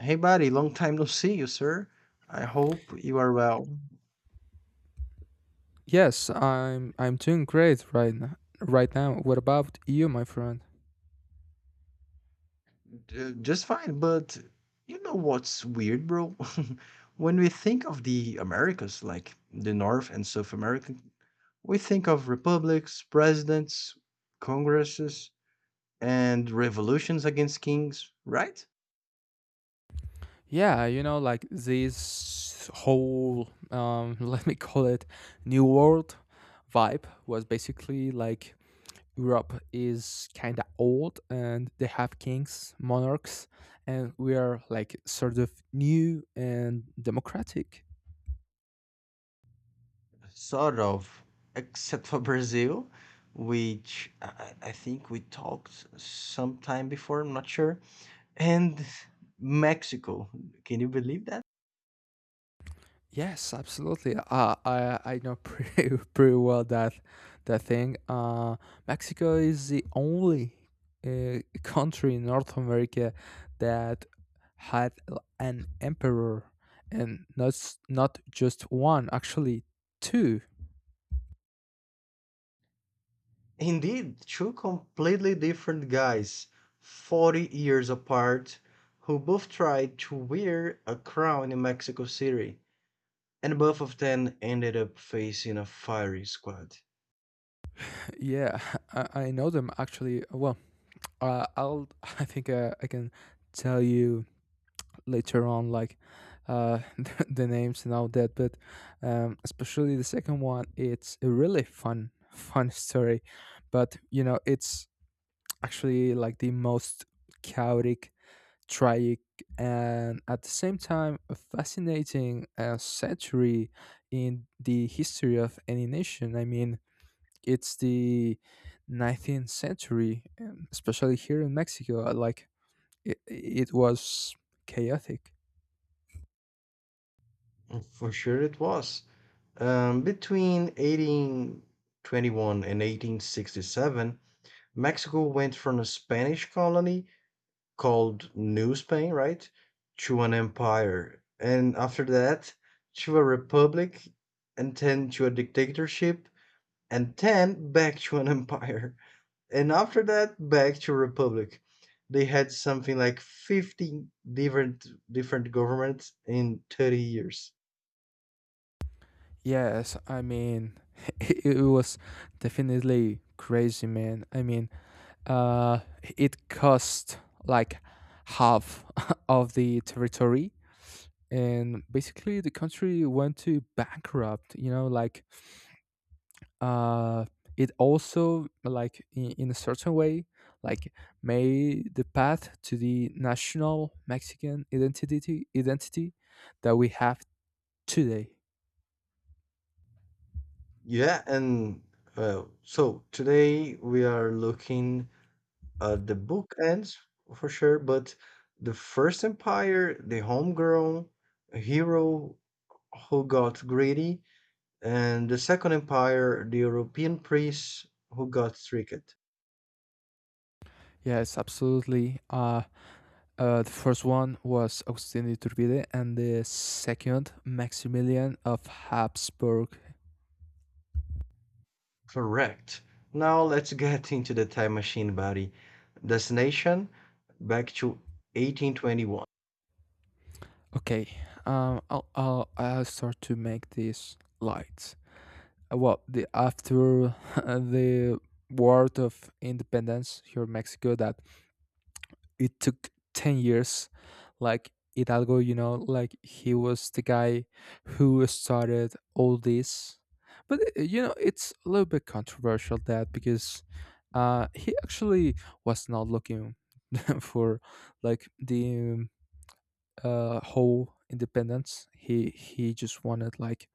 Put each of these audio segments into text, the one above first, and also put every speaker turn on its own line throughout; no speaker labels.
Hey, buddy, long time no see you, sir. I hope you are well.
Yes, I'm doing great right now. Right now, what about you, my friend?
Just fine, but you know what's weird, bro? When we think of the Americas, like the North and South America, we think of republics, presidents, congresses, and revolutions against kings, right?
Yeah, you know, like this whole let me call it new world vibe was basically like Europe is kind of old and they have kings, monarchs, and we are like sort of new and democratic.
Sort of, except for Brazil, which I think we talked sometime before, I'm not sure. And Mexico. Can you believe that?
Yes, absolutely. I know pretty pretty well that that thing. Mexico is the only country in North America that had an emperor, and not just one, actually two.
Indeed, two completely different guys, 40 years apart, who both tried to wear a crown in Mexico City, and both of them ended up facing a firing squad.
Yeah, I know them actually. Well, I'll I think I can tell you later on like the names and all that, but especially the second one, it's a really fun fun story. But you know, it's actually like the most chaotic, tragic, and at the same time a fascinating century in the history of any nation. I mean, it's the 19th century, especially here in Mexico, like it was chaotic.
Mm, for sure it was. Between 1821 and 1867, Mexico went from a Spanish colony called New Spain, right? To an empire. And after that, to a republic, and then to a dictatorship, and then back to an empire. And after that, back to a republic. They had something like 15 different governments in 30 years.
Yes, I mean, it was definitely crazy, man. I mean, uh, it cost like half of the territory, and basically the country went to bankrupt. You know, like uh, it also, like in a certain way, like made the path to the national Mexican identity that we have today.
Yeah, and well, so today we are looking the book ends for sure, but the first empire, the homegrown hero who got greedy, and the second empire, the European priest who got tricked.
Yes, absolutely. The first one was Agustin de Iturbide, and the second Maximilian of Habsburg.
Correct. Now let's get into the time machine, buddy. Destination back to 1821.
Okay, I'll start to make this light. Well, the after the war of independence here in Mexico, that it took 10 years. Like Hidalgo, you know, like he was the guy who started all this. But you know, it's a little bit controversial that, because he actually was not looking for like the whole independence. He just wanted like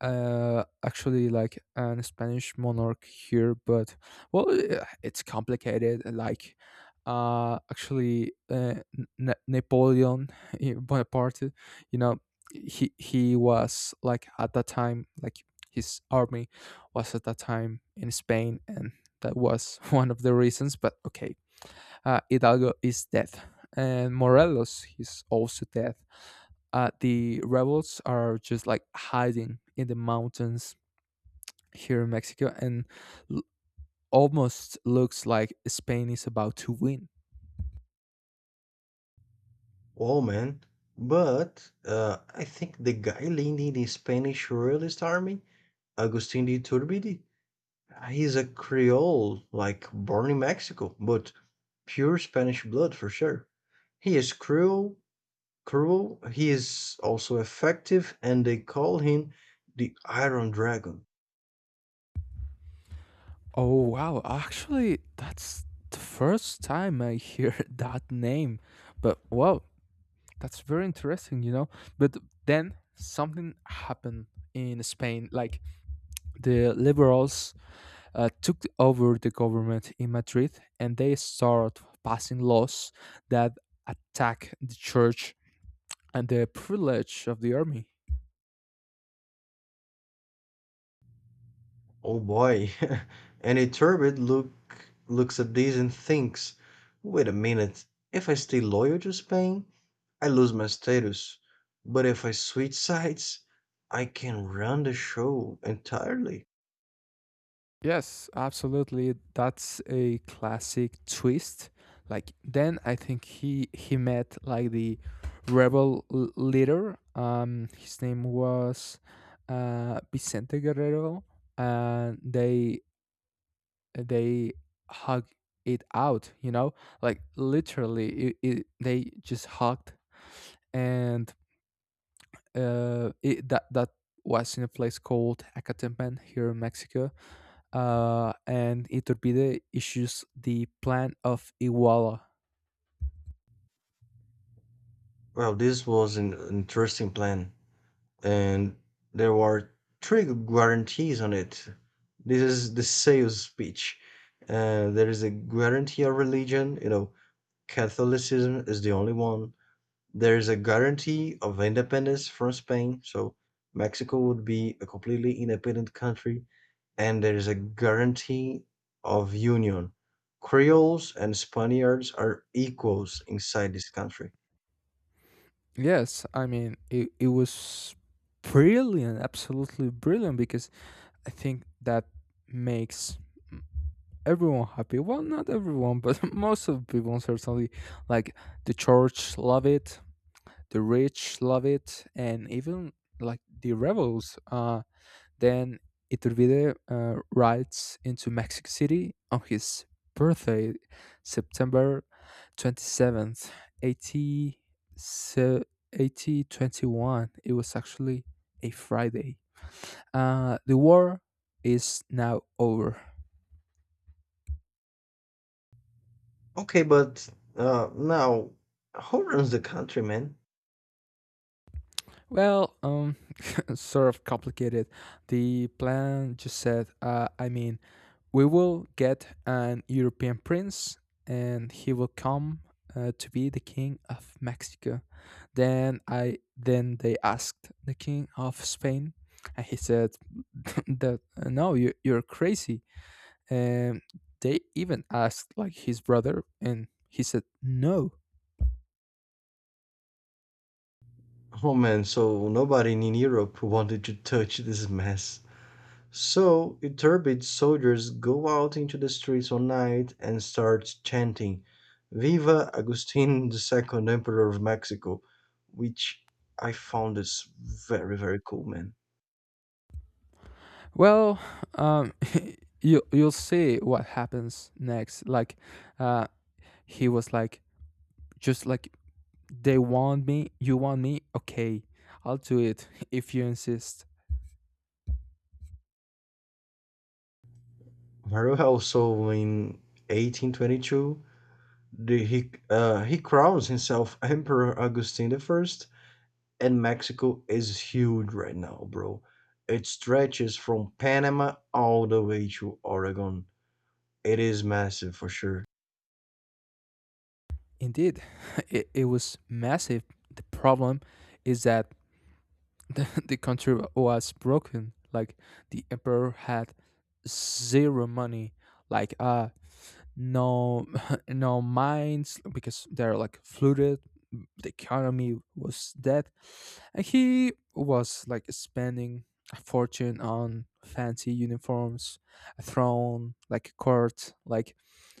actually like an Spanish monarch here. But well, it's complicated. Like actually, Napoleon Bonaparte, you know, he was, like, at that time, like his army was at that time in Spain, and that was one of the reasons. But okay, Hidalgo is dead, and Morelos is also dead. The rebels are just like hiding in the mountains here in Mexico, and l- almost looks like Spain is about to win.
Oh man. But I think the guy leading the Spanish royalist army, Agustin de Iturbide, he's a Creole, like born in Mexico, but pure Spanish blood for sure. He is cruel, cruel. He is also effective, and they call him the Iron Dragon.
Oh wow! Actually, that's the first time I hear that name. But wow, that's very interesting, you know. But then something happened in Spain. Like the liberals took over the government in Madrid, and they started passing laws that attack the church and the privilege of the army.
Oh boy! Any turbid look Looks at this and thinks, "Wait a minute. If I stay loyal to Spain, I lose my status. But if I switch sides, I can run the show entirely."
Yes, absolutely. That's a classic twist. Like, then I think he met like the leader. His name was Vicente Guerrero, and they hug it out, you know? Like literally they just hugged, and it, that that was in a place called Acatempan here in Mexico, and Iturbide issues the plan of Iguala.
Well, this was an interesting plan. And there were three guarantees on it. This is the sales speech. There is a guarantee of religion. You know, Catholicism is the only one. There is a guarantee of independence from Spain. So Mexico would be a completely independent country. And there is a guarantee of union. Creoles and Spaniards are equals inside this country.
Yes, I mean, it was brilliant, absolutely brilliant, because I think that makes everyone happy. Well, not everyone, but most of the people certainly. Like the church love it, the rich love it, and even like the rebels. Then Iturbide rides into Mexico City on his birthday, September 27th, 80, se- 8021. It was actually a Friday. The war is now over.
Okay, but now who runs the country, man?
Well, sort of complicated. The plan just said, I mean, we will get an European prince, and he will come to be the king of Mexico. Then they asked the king of Spain, and he said that no, you you're crazy. And they even asked like his brother, and he said no.
Oh man, so nobody in Europe wanted to touch this mess. So Iturbid's soldiers go out into the streets one night and start chanting Viva Agustin the second Emperor of Mexico, which I found is very, very cool, man.
Well, um, you you'll see what happens next. Like, uh, he was like just like, they want me, you want me? Okay, I'll do it if you insist.
Very well, so in 1822, he crowns himself Emperor Augustine I, and Mexico is huge right now, bro. It stretches from Panama all the way to Oregon. It is massive for sure.
Indeed, it was massive. The problem is that the country was broken. Like, the emperor had zero money. Like, no, no mines because they're like flooded. The economy was dead, and he was like spending a fortune on fancy uniforms, a throne, like a court. Like,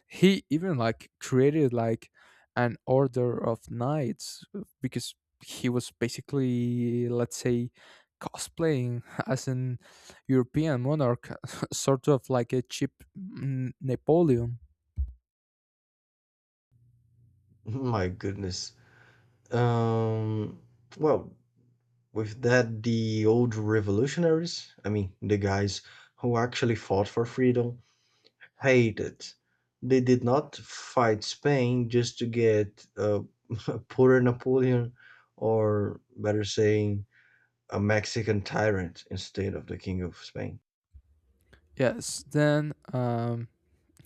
he even like created like an order of knights, because he was basically, let's say, cosplaying as an European monarch, sort of like a cheap Napoleon.
My goodness. Um, well, with that, the old revolutionaries, I mean, the guys who actually fought for freedom, hated. They did not fight Spain just to get a poorer Napoleon, or better saying, a Mexican tyrant instead of the king of Spain.
Yes, then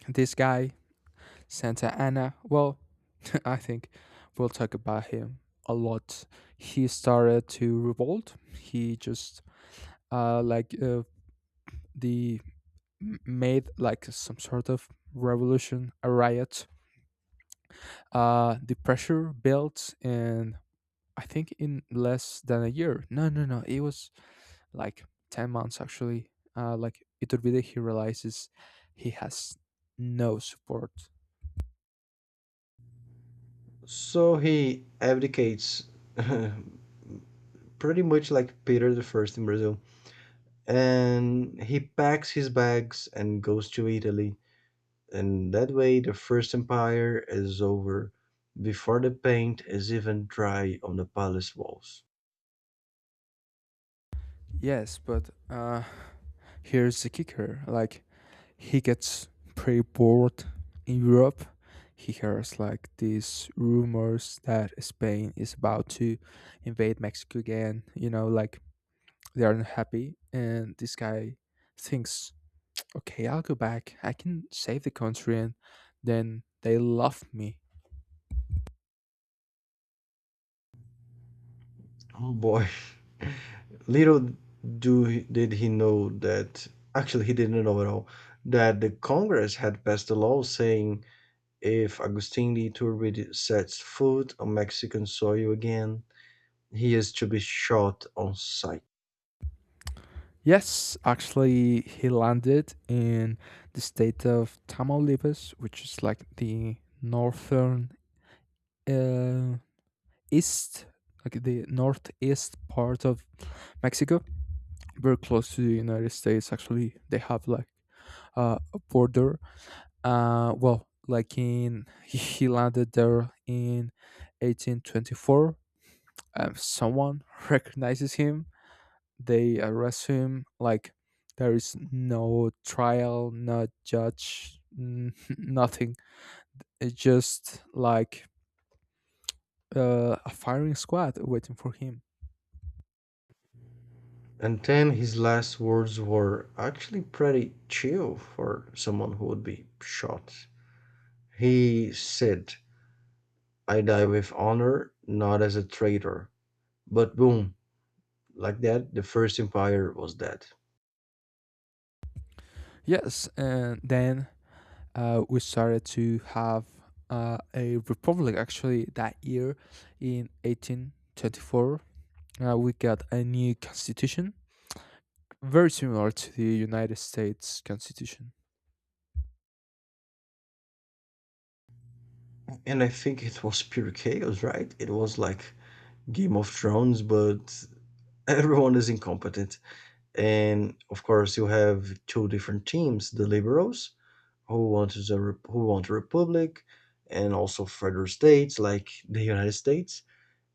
this guy Santa Anna, well, I think we'll talk about him a lot. He started to revolt. He just uh, like uh, the made like some sort of revolution, a riot. The pressure built, and I think in less than a year. No, no, no. It was like 10 months actually. Like Iturbide, he realizes he has no support.
So he abdicates, pretty much like Peter the First in Brazil, and he packs his bags and goes to Italy. And that way, the First Empire is over before the paint is even dry on the palace walls.
Yes, but here's the kicker. Like, he gets pretty bored in Europe. He hears like these rumors that Spain is about to invade Mexico again. You know, like they are unhappy, and this guy thinks, "Okay, I'll go back. I can save the country, and then they love me."
Oh boy. Little do did he know, that actually he didn't know at all, that the Congress had passed a law saying if Agustin de Iturbide sets foot on Mexican soil again, he is to be shot on sight.
Yes, actually, he landed in the state of Tamaulipas, which is like the northern uh, east, like the northeast part of Mexico, very close to the United States. Actually, they have like a border. Well, like, in he landed there in 1824. Someone recognizes him. They arrest him. Like, there is no trial, no judge, nothing. It's just like a firing squad waiting for him.
And then his last words were actually pretty chill for someone who would be shot. He said, "I die with honor, not as a traitor." But boom, like that, the first empire was dead.
Yes, and then we started to have a republic actually that year, in 1824. We got a new constitution very similar to the United States constitution.
And I think it was pure chaos, right? It was like Game of Thrones, but everyone is incompetent. And of course, you have two different teams, the liberals, who want a republic and also further states like the United States,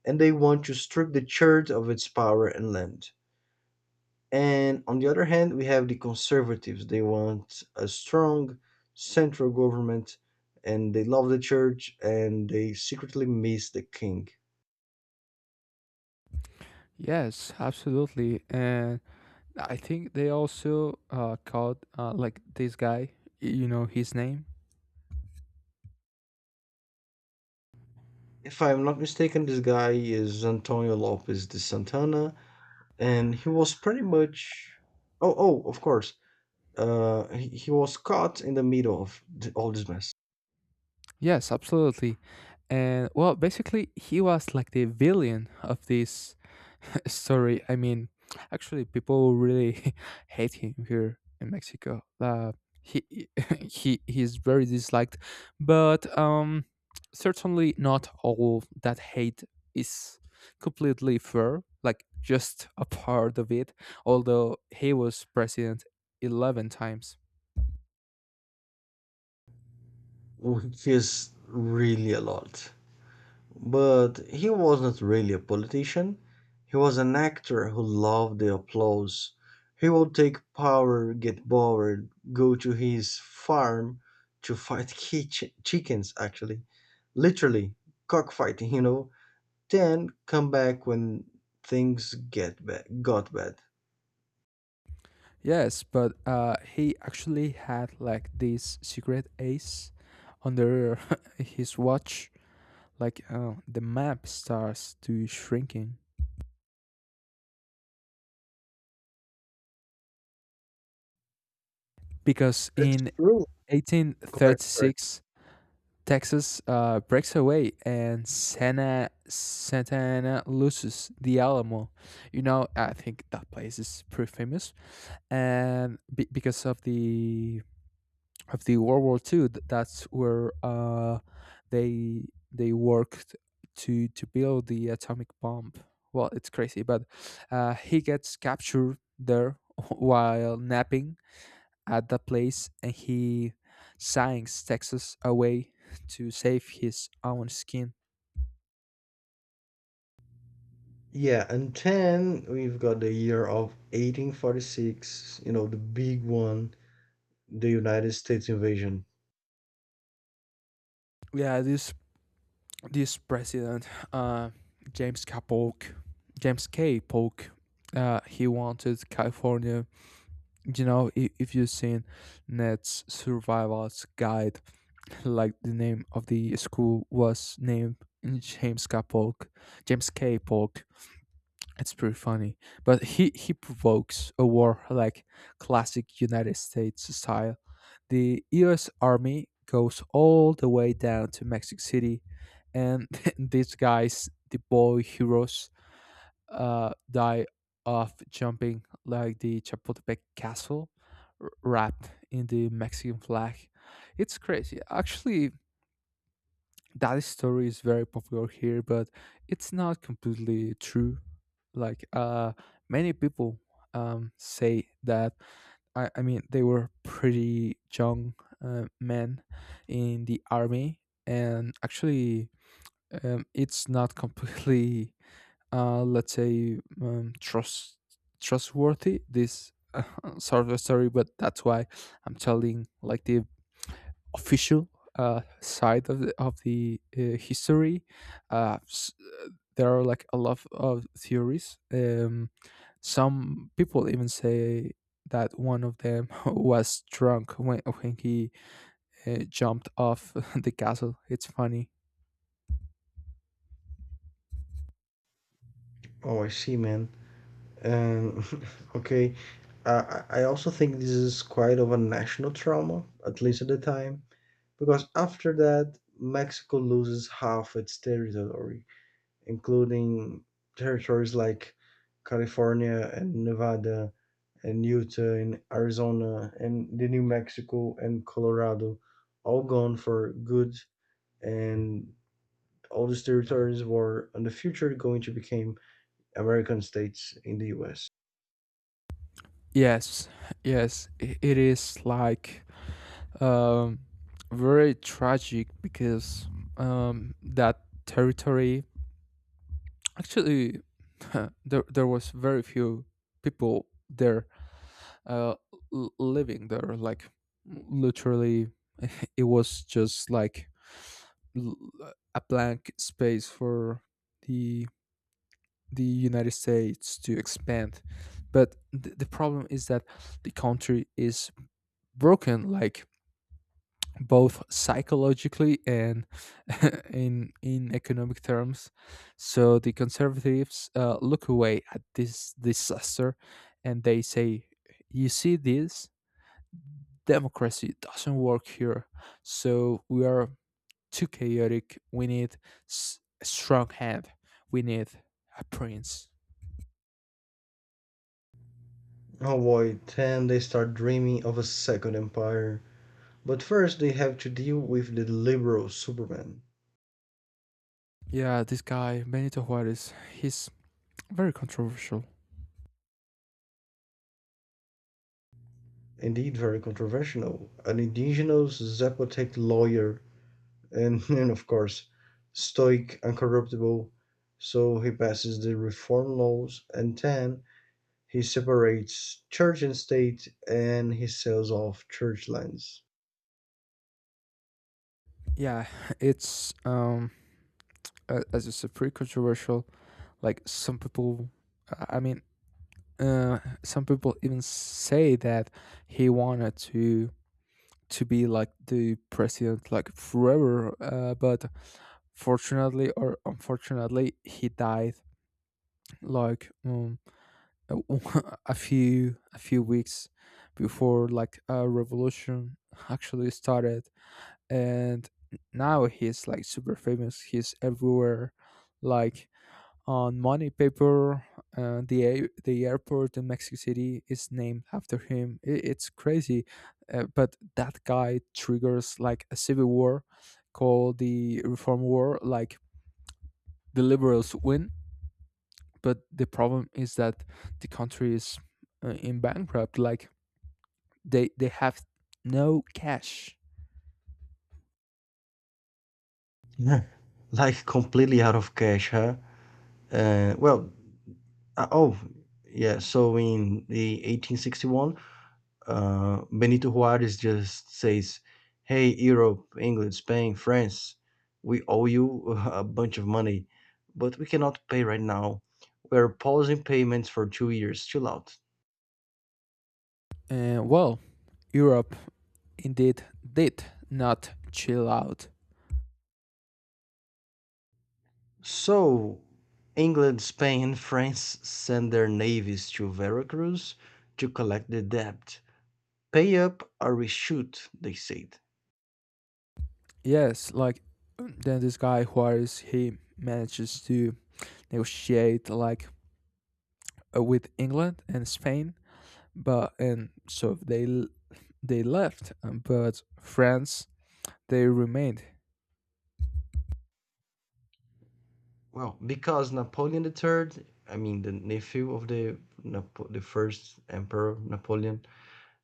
and they want to strip the church of its power and land. And on the other hand, we have the conservatives. They want a strong central government, and they love the church, and they secretly miss the king.
Yes, absolutely. And I think they also called, like this guy, you know his name.
If I'm not mistaken, this guy is Antonio Lopez de Santana, and he was pretty much. Oh, oh, of course. He was caught in the middle of all this mess,
Yes, absolutely. And well, basically he was like the villain of this. Sorry, I mean, actually, people really hate him here in Mexico. He he- he's very disliked, but certainly not all that hate is completely fair. Like, just a part of it. Although he was president 11 times.
which is really a lot. But he wasn't really a politician. He was an actor who loved the applause. He would take power, get bored, go to his farm to fight chickens, actually. Literally, cockfighting, you know. Then come back when got bad.
Yes, but he actually had like this secret ace under his watch. Like, the map starts to shrinking, because
It's
in
true. Correct.
1836 Texas breaks away, and Santa Ana loses the Alamo. You know, I think that place is pretty famous, and because of the World War Two. That's where they worked to build the atomic bomb. Well, it's crazy, but he gets captured there while napping at the place, and he signs Texas away to save his own skin.
Yeah, and 10, we've got the year of 1846, you know, the big one, the United States invasion.
Yeah, this president, uh, James K. Polk, James K. Polk, he wanted California. You know, if you've seen Ned's Survival's Guide, like the name of the school was named James K. Polk, James K. Polk. It's pretty funny, but he provokes a war, like classic United States style. The U.S. Army goes all the way down to Mexico City, and these guys, the boy heroes, die of jumping like the Chapultepec castle, wrapped in the Mexican flag. It's crazy. Actually, that story is very popular here, but it's not completely true. Like, many people say that, I mean, they were pretty young men in the army, and actually, it's not completely let's say, trust, trustworthy, this sort of story. But that's why I'm telling like the official side of the history. uh, s- there are like a lot of theories. Some people even say that one of them was drunk when, he jumped off the castle. It's funny.
Oh, I see, man. Um, okay, I also think this is quite of a national trauma, at least at the time, because after that, Mexico loses half its territory, including territories like California and Nevada and Utah and Arizona and the New Mexico and Colorado, all gone for good, and all these territories were in the future going to become American states in the US.
Yes, yes, it is like, um, very tragic because, that territory actually, there was very few people there, uh, living there. Like, literally, it was just like, l- a blank space for the the United States to expand. But the problem is that the country is broken. Like, both psychologically and in economic terms. So the conservatives look away at this disaster, and they say, "You see, this democracy doesn't work here. So we are too chaotic. We need a strong hand. We need a prince."
Oh boy, then they start dreaming of a second empire. But first they have to deal with the liberal Superman.
Yeah, this guy Benito Juarez, he's very controversial.
Indeed very controversial, an indigenous Zapotec lawyer and, and of course, stoic and corruptible. So he passes the reform laws, and then he separates church and state and he sells off church lands.
Yeah, it's as you said, pretty controversial. Like, some people, I mean, some people even say that he wanted to be like the president like forever, but fortunately or unfortunately, he died like, a few weeks before like a revolution actually started. And now he's like super famous, he's everywhere, like on money paper, the airport in Mexico City is named after him. It's crazy, but that guy triggers like a civil war called the Reform War. Like the liberals win, but the problem is that the country is in bankrupt. Like they have no cash.
Yeah, like completely out of cash, huh? Uh, well, uh, oh, yeah, so in the 1861, Benito Juarez just says, "Hey, Europe, England, Spain, France, we owe you a bunch of money, but we cannot pay right now. We're pausing payments for 2 years. Chill out."
Well, Europe indeed did not chill out.
So, England, Spain, and France send their navies to Veracruz to collect the debt. "Pay up or we shoot," they said.
Yes like then this guy Juarez he manages to negotiate like with England and Spain but and so they l- they left but France they remained
Well, because Napoleon III, I mean the nephew of the the first emperor Napoleon,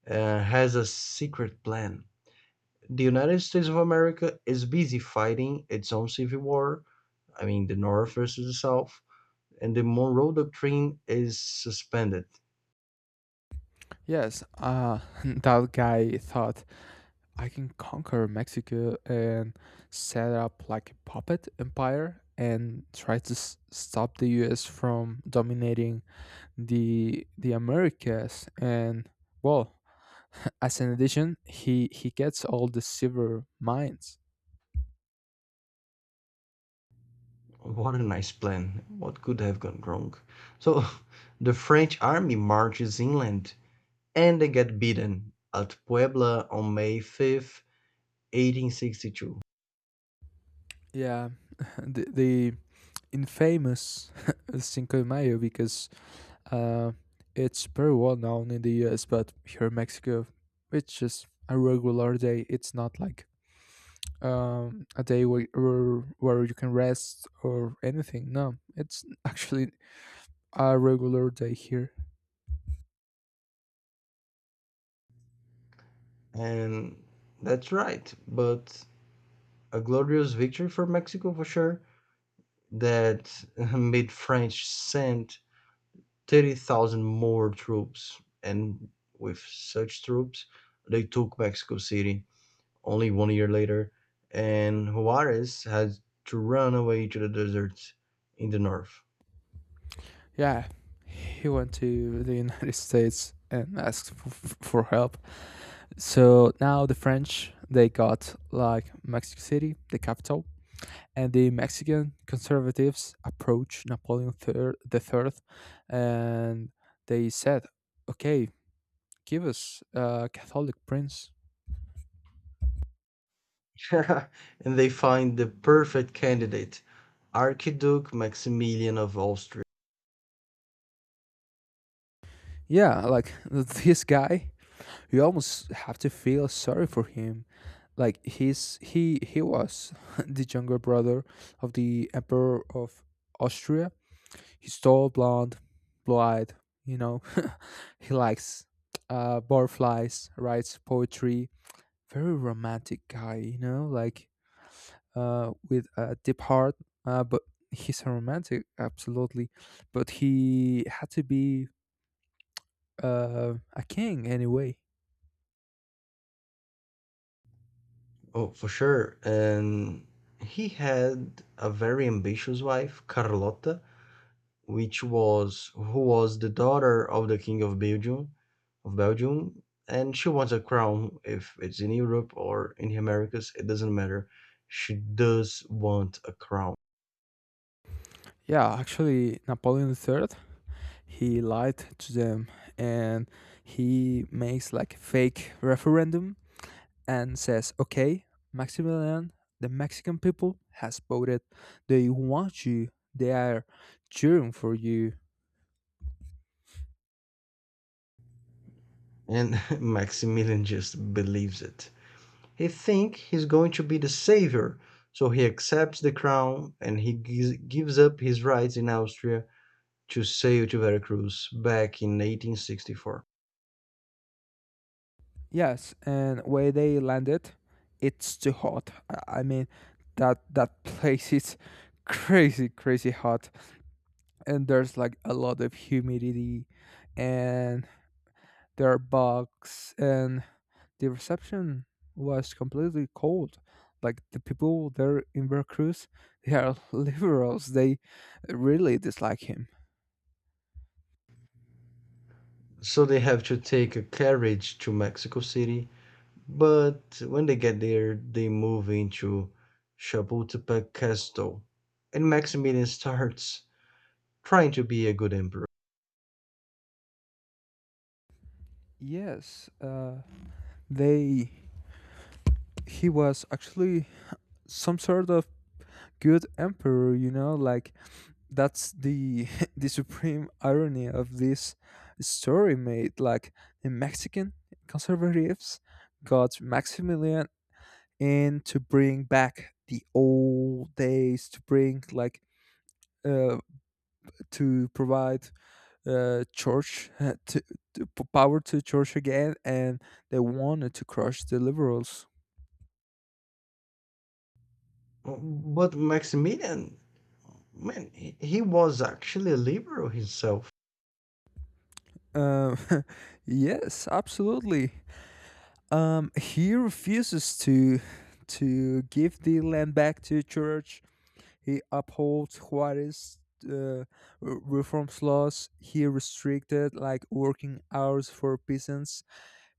has a secret plan. The United States of America is busy fighting its own civil war, I mean, the North versus the South, and the Monroe Doctrine is suspended.
yes that guy thought I can conquer Mexico and set up like a puppet empire and try to stop the US from dominating the Americas and well as an addition, he gets all the silver mines.
What a nice plan. What could have gone wrong? So, the French army marches inland and they get beaten at Puebla on May 5th, 1862.
Yeah, the infamous Cinco de Mayo because uh, it's very well known in the US, but here in Mexico, it's just a regular day. It's not like a day where, where you can rest or anything. No, it's actually a regular day here.
And that's right, but a glorious victory for Mexico for sure, that made France send 30,000 more troops. And with such troops, they took Mexico City only 1 year later. And Juarez had to run away to the desert in the north.
Yeah, he went to the United States and asked for help. So now the French they got like Mexico City, the capital, and the Mexican conservatives approached Napoleon III, the Third, and they said, "Okay, give us a Catholic prince."
And they find the perfect candidate, Archduke Maximilian of Austria.
Yeah, like this guy, you almost have to feel sorry for him. Like he was the younger brother of the Emperor of Austria. He's tall, blonde, blue-eyed. You know, he likes butterflies, writes poetry. Very romantic guy. You know, like with a deep heart. But he's a romantic, absolutely. But he had to be a king anyway.
Oh, for sure. And he had a very ambitious wife, Carlota, which was who was the daughter of the king of Belgium, and she wants a crown. If it's in Europe or in the Americas, it doesn't matter. She does want a crown,
Yeah, actually, Napoleon III, he lied to them and he makes like fake referendum and says, okay, Maximilian, the Mexican people has voted. They want you. They are cheering for you.
and Maximilian just believes it. He thinks he's going to be the savior, so he accepts the crown and he gives up his rights in Austria to sail to Veracruz back in 1864.
Yes, and where they landed, it's too hot. I mean, that place is crazy, crazy hot, and there's like a lot of humidity, and there are bugs, and the reception was completely cold. Like the people there in Veracruz, they are liberals. They really dislike him.
So they have to take a carriage to Mexico City, but when they get there, they move into Chapultepec Castle, and Maximilian starts trying to be a good emperor.
Yes, they. He was actually some sort of good emperor. You know, like that's the the supreme irony of this story. Made like the Mexican conservatives got Maximilian in to bring back the old days to bring like uh, to provide church, to power to church again, and they wanted to crush the liberals.
But Maximilian, man, he was actually a liberal himself.
Um, yes, absolutely. He refuses to give the land back to church. He upholds Juarez uh, reforms laws. He restricted like working hours for peasants.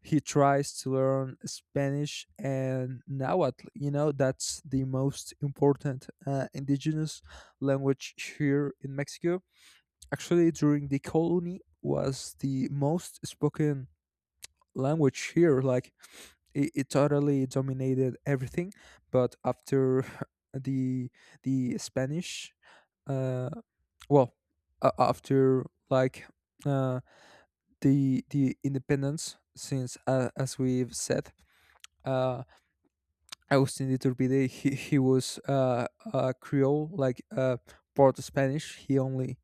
He tries to learn Spanish and Nahuatl. You know, that's the most important indigenous language here in Mexico. Actually, during the colony was the most spoken language here. Like it totally dominated everything. But after the the Spanish, uh, well, after like uh, the independence, since as we've said. Uh, Agustin de Iturbide, he was a Creole, like part Spanish. He only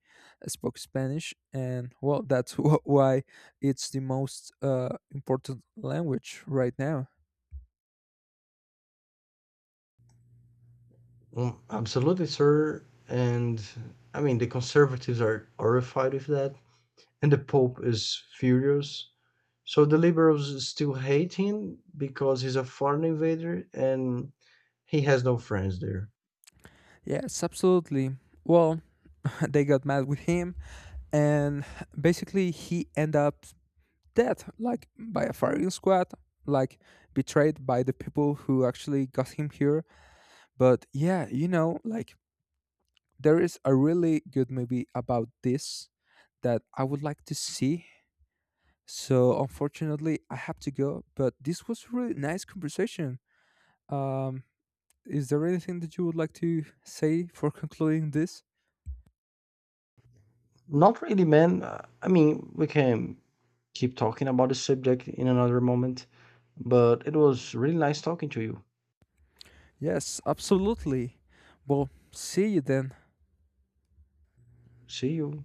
spoke Spanish, and well, that's why it's the most important language right now.
Mm, absolutely, sir. And I mean, the conservatives are horrified with that, and the Pope is furious. So the liberals still hate him because he's a foreign invader and he has no friends there.
Yes, absolutely. Well, they got mad with him, and basically he ended up dead, like by a firing squad, like betrayed by the people who actually got him here. But yeah, you know, like there is a really good movie about this that I would like to see. So unfortunately, I have to go. But this was really nice conversation. Um, is there anything that you would like to say for concluding this?
Not really, man. I mean, we can keep talking about the subject in another moment, but it was really nice talking to you.
Yes, absolutely. Well, see you then.
See you.